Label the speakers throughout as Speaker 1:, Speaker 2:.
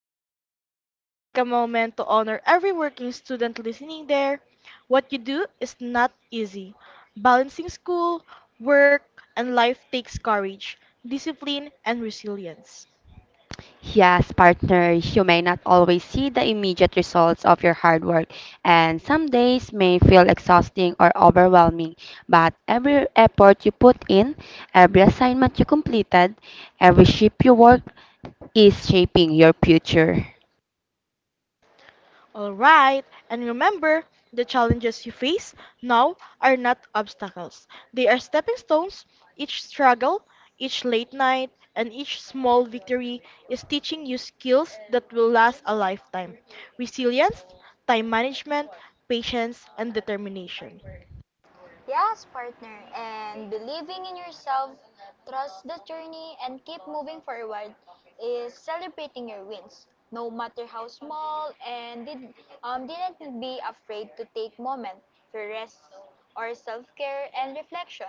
Speaker 1: episode, let's take a moment to honor every working student listening there. What you do is not easy. Balancing school, work, and life takes courage, discipline, and resilience.
Speaker 2: Yes, partners, you may not always see the immediate results of your hard work, and some days may feel exhausting or overwhelming. But every effort you put in, every assignment you completed, every shift you work is shaping your future.
Speaker 1: All right, and remember, the challenges you face now are not obstacles. They are stepping stones. Each struggle, each late night, and each small victory is teaching you skills that will last a lifetime: resilience, time management, patience, and determination.
Speaker 3: Yes, partner, and believing in yourself, trust the journey, and keep moving forward is celebrating your wins, no matter how small, didn't be afraid to take moment for rest or self-care and reflection.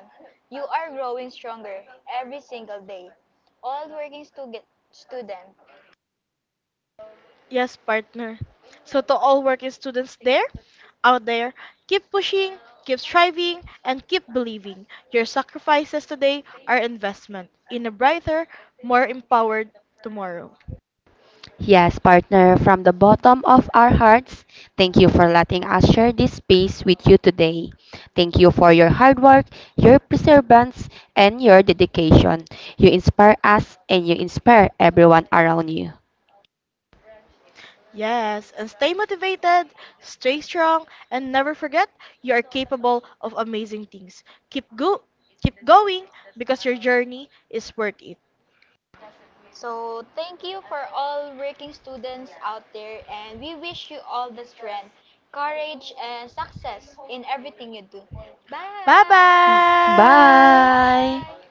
Speaker 3: You are growing stronger every single day. All working stu- student.
Speaker 1: Yes, partner. So to all working students out there, keep pushing, keep striving, and keep believing. Your sacrifices today are investment in a brighter, more empowered tomorrow.
Speaker 2: Yes, partner, from the bottom of our hearts, thank you for letting us share this space with you today. Thank you for your hard work, your perseverance, and your dedication. You inspire us and you inspire everyone around you.
Speaker 1: Yes, and stay motivated, stay strong, and never forget you are capable of amazing things. Keep go Keep going because your journey is worth it.
Speaker 3: So, thank you for all working students out there, and we wish you all the strength, courage, and success in everything you do. Bye!
Speaker 1: Bye-bye.
Speaker 2: Bye!
Speaker 3: Bye!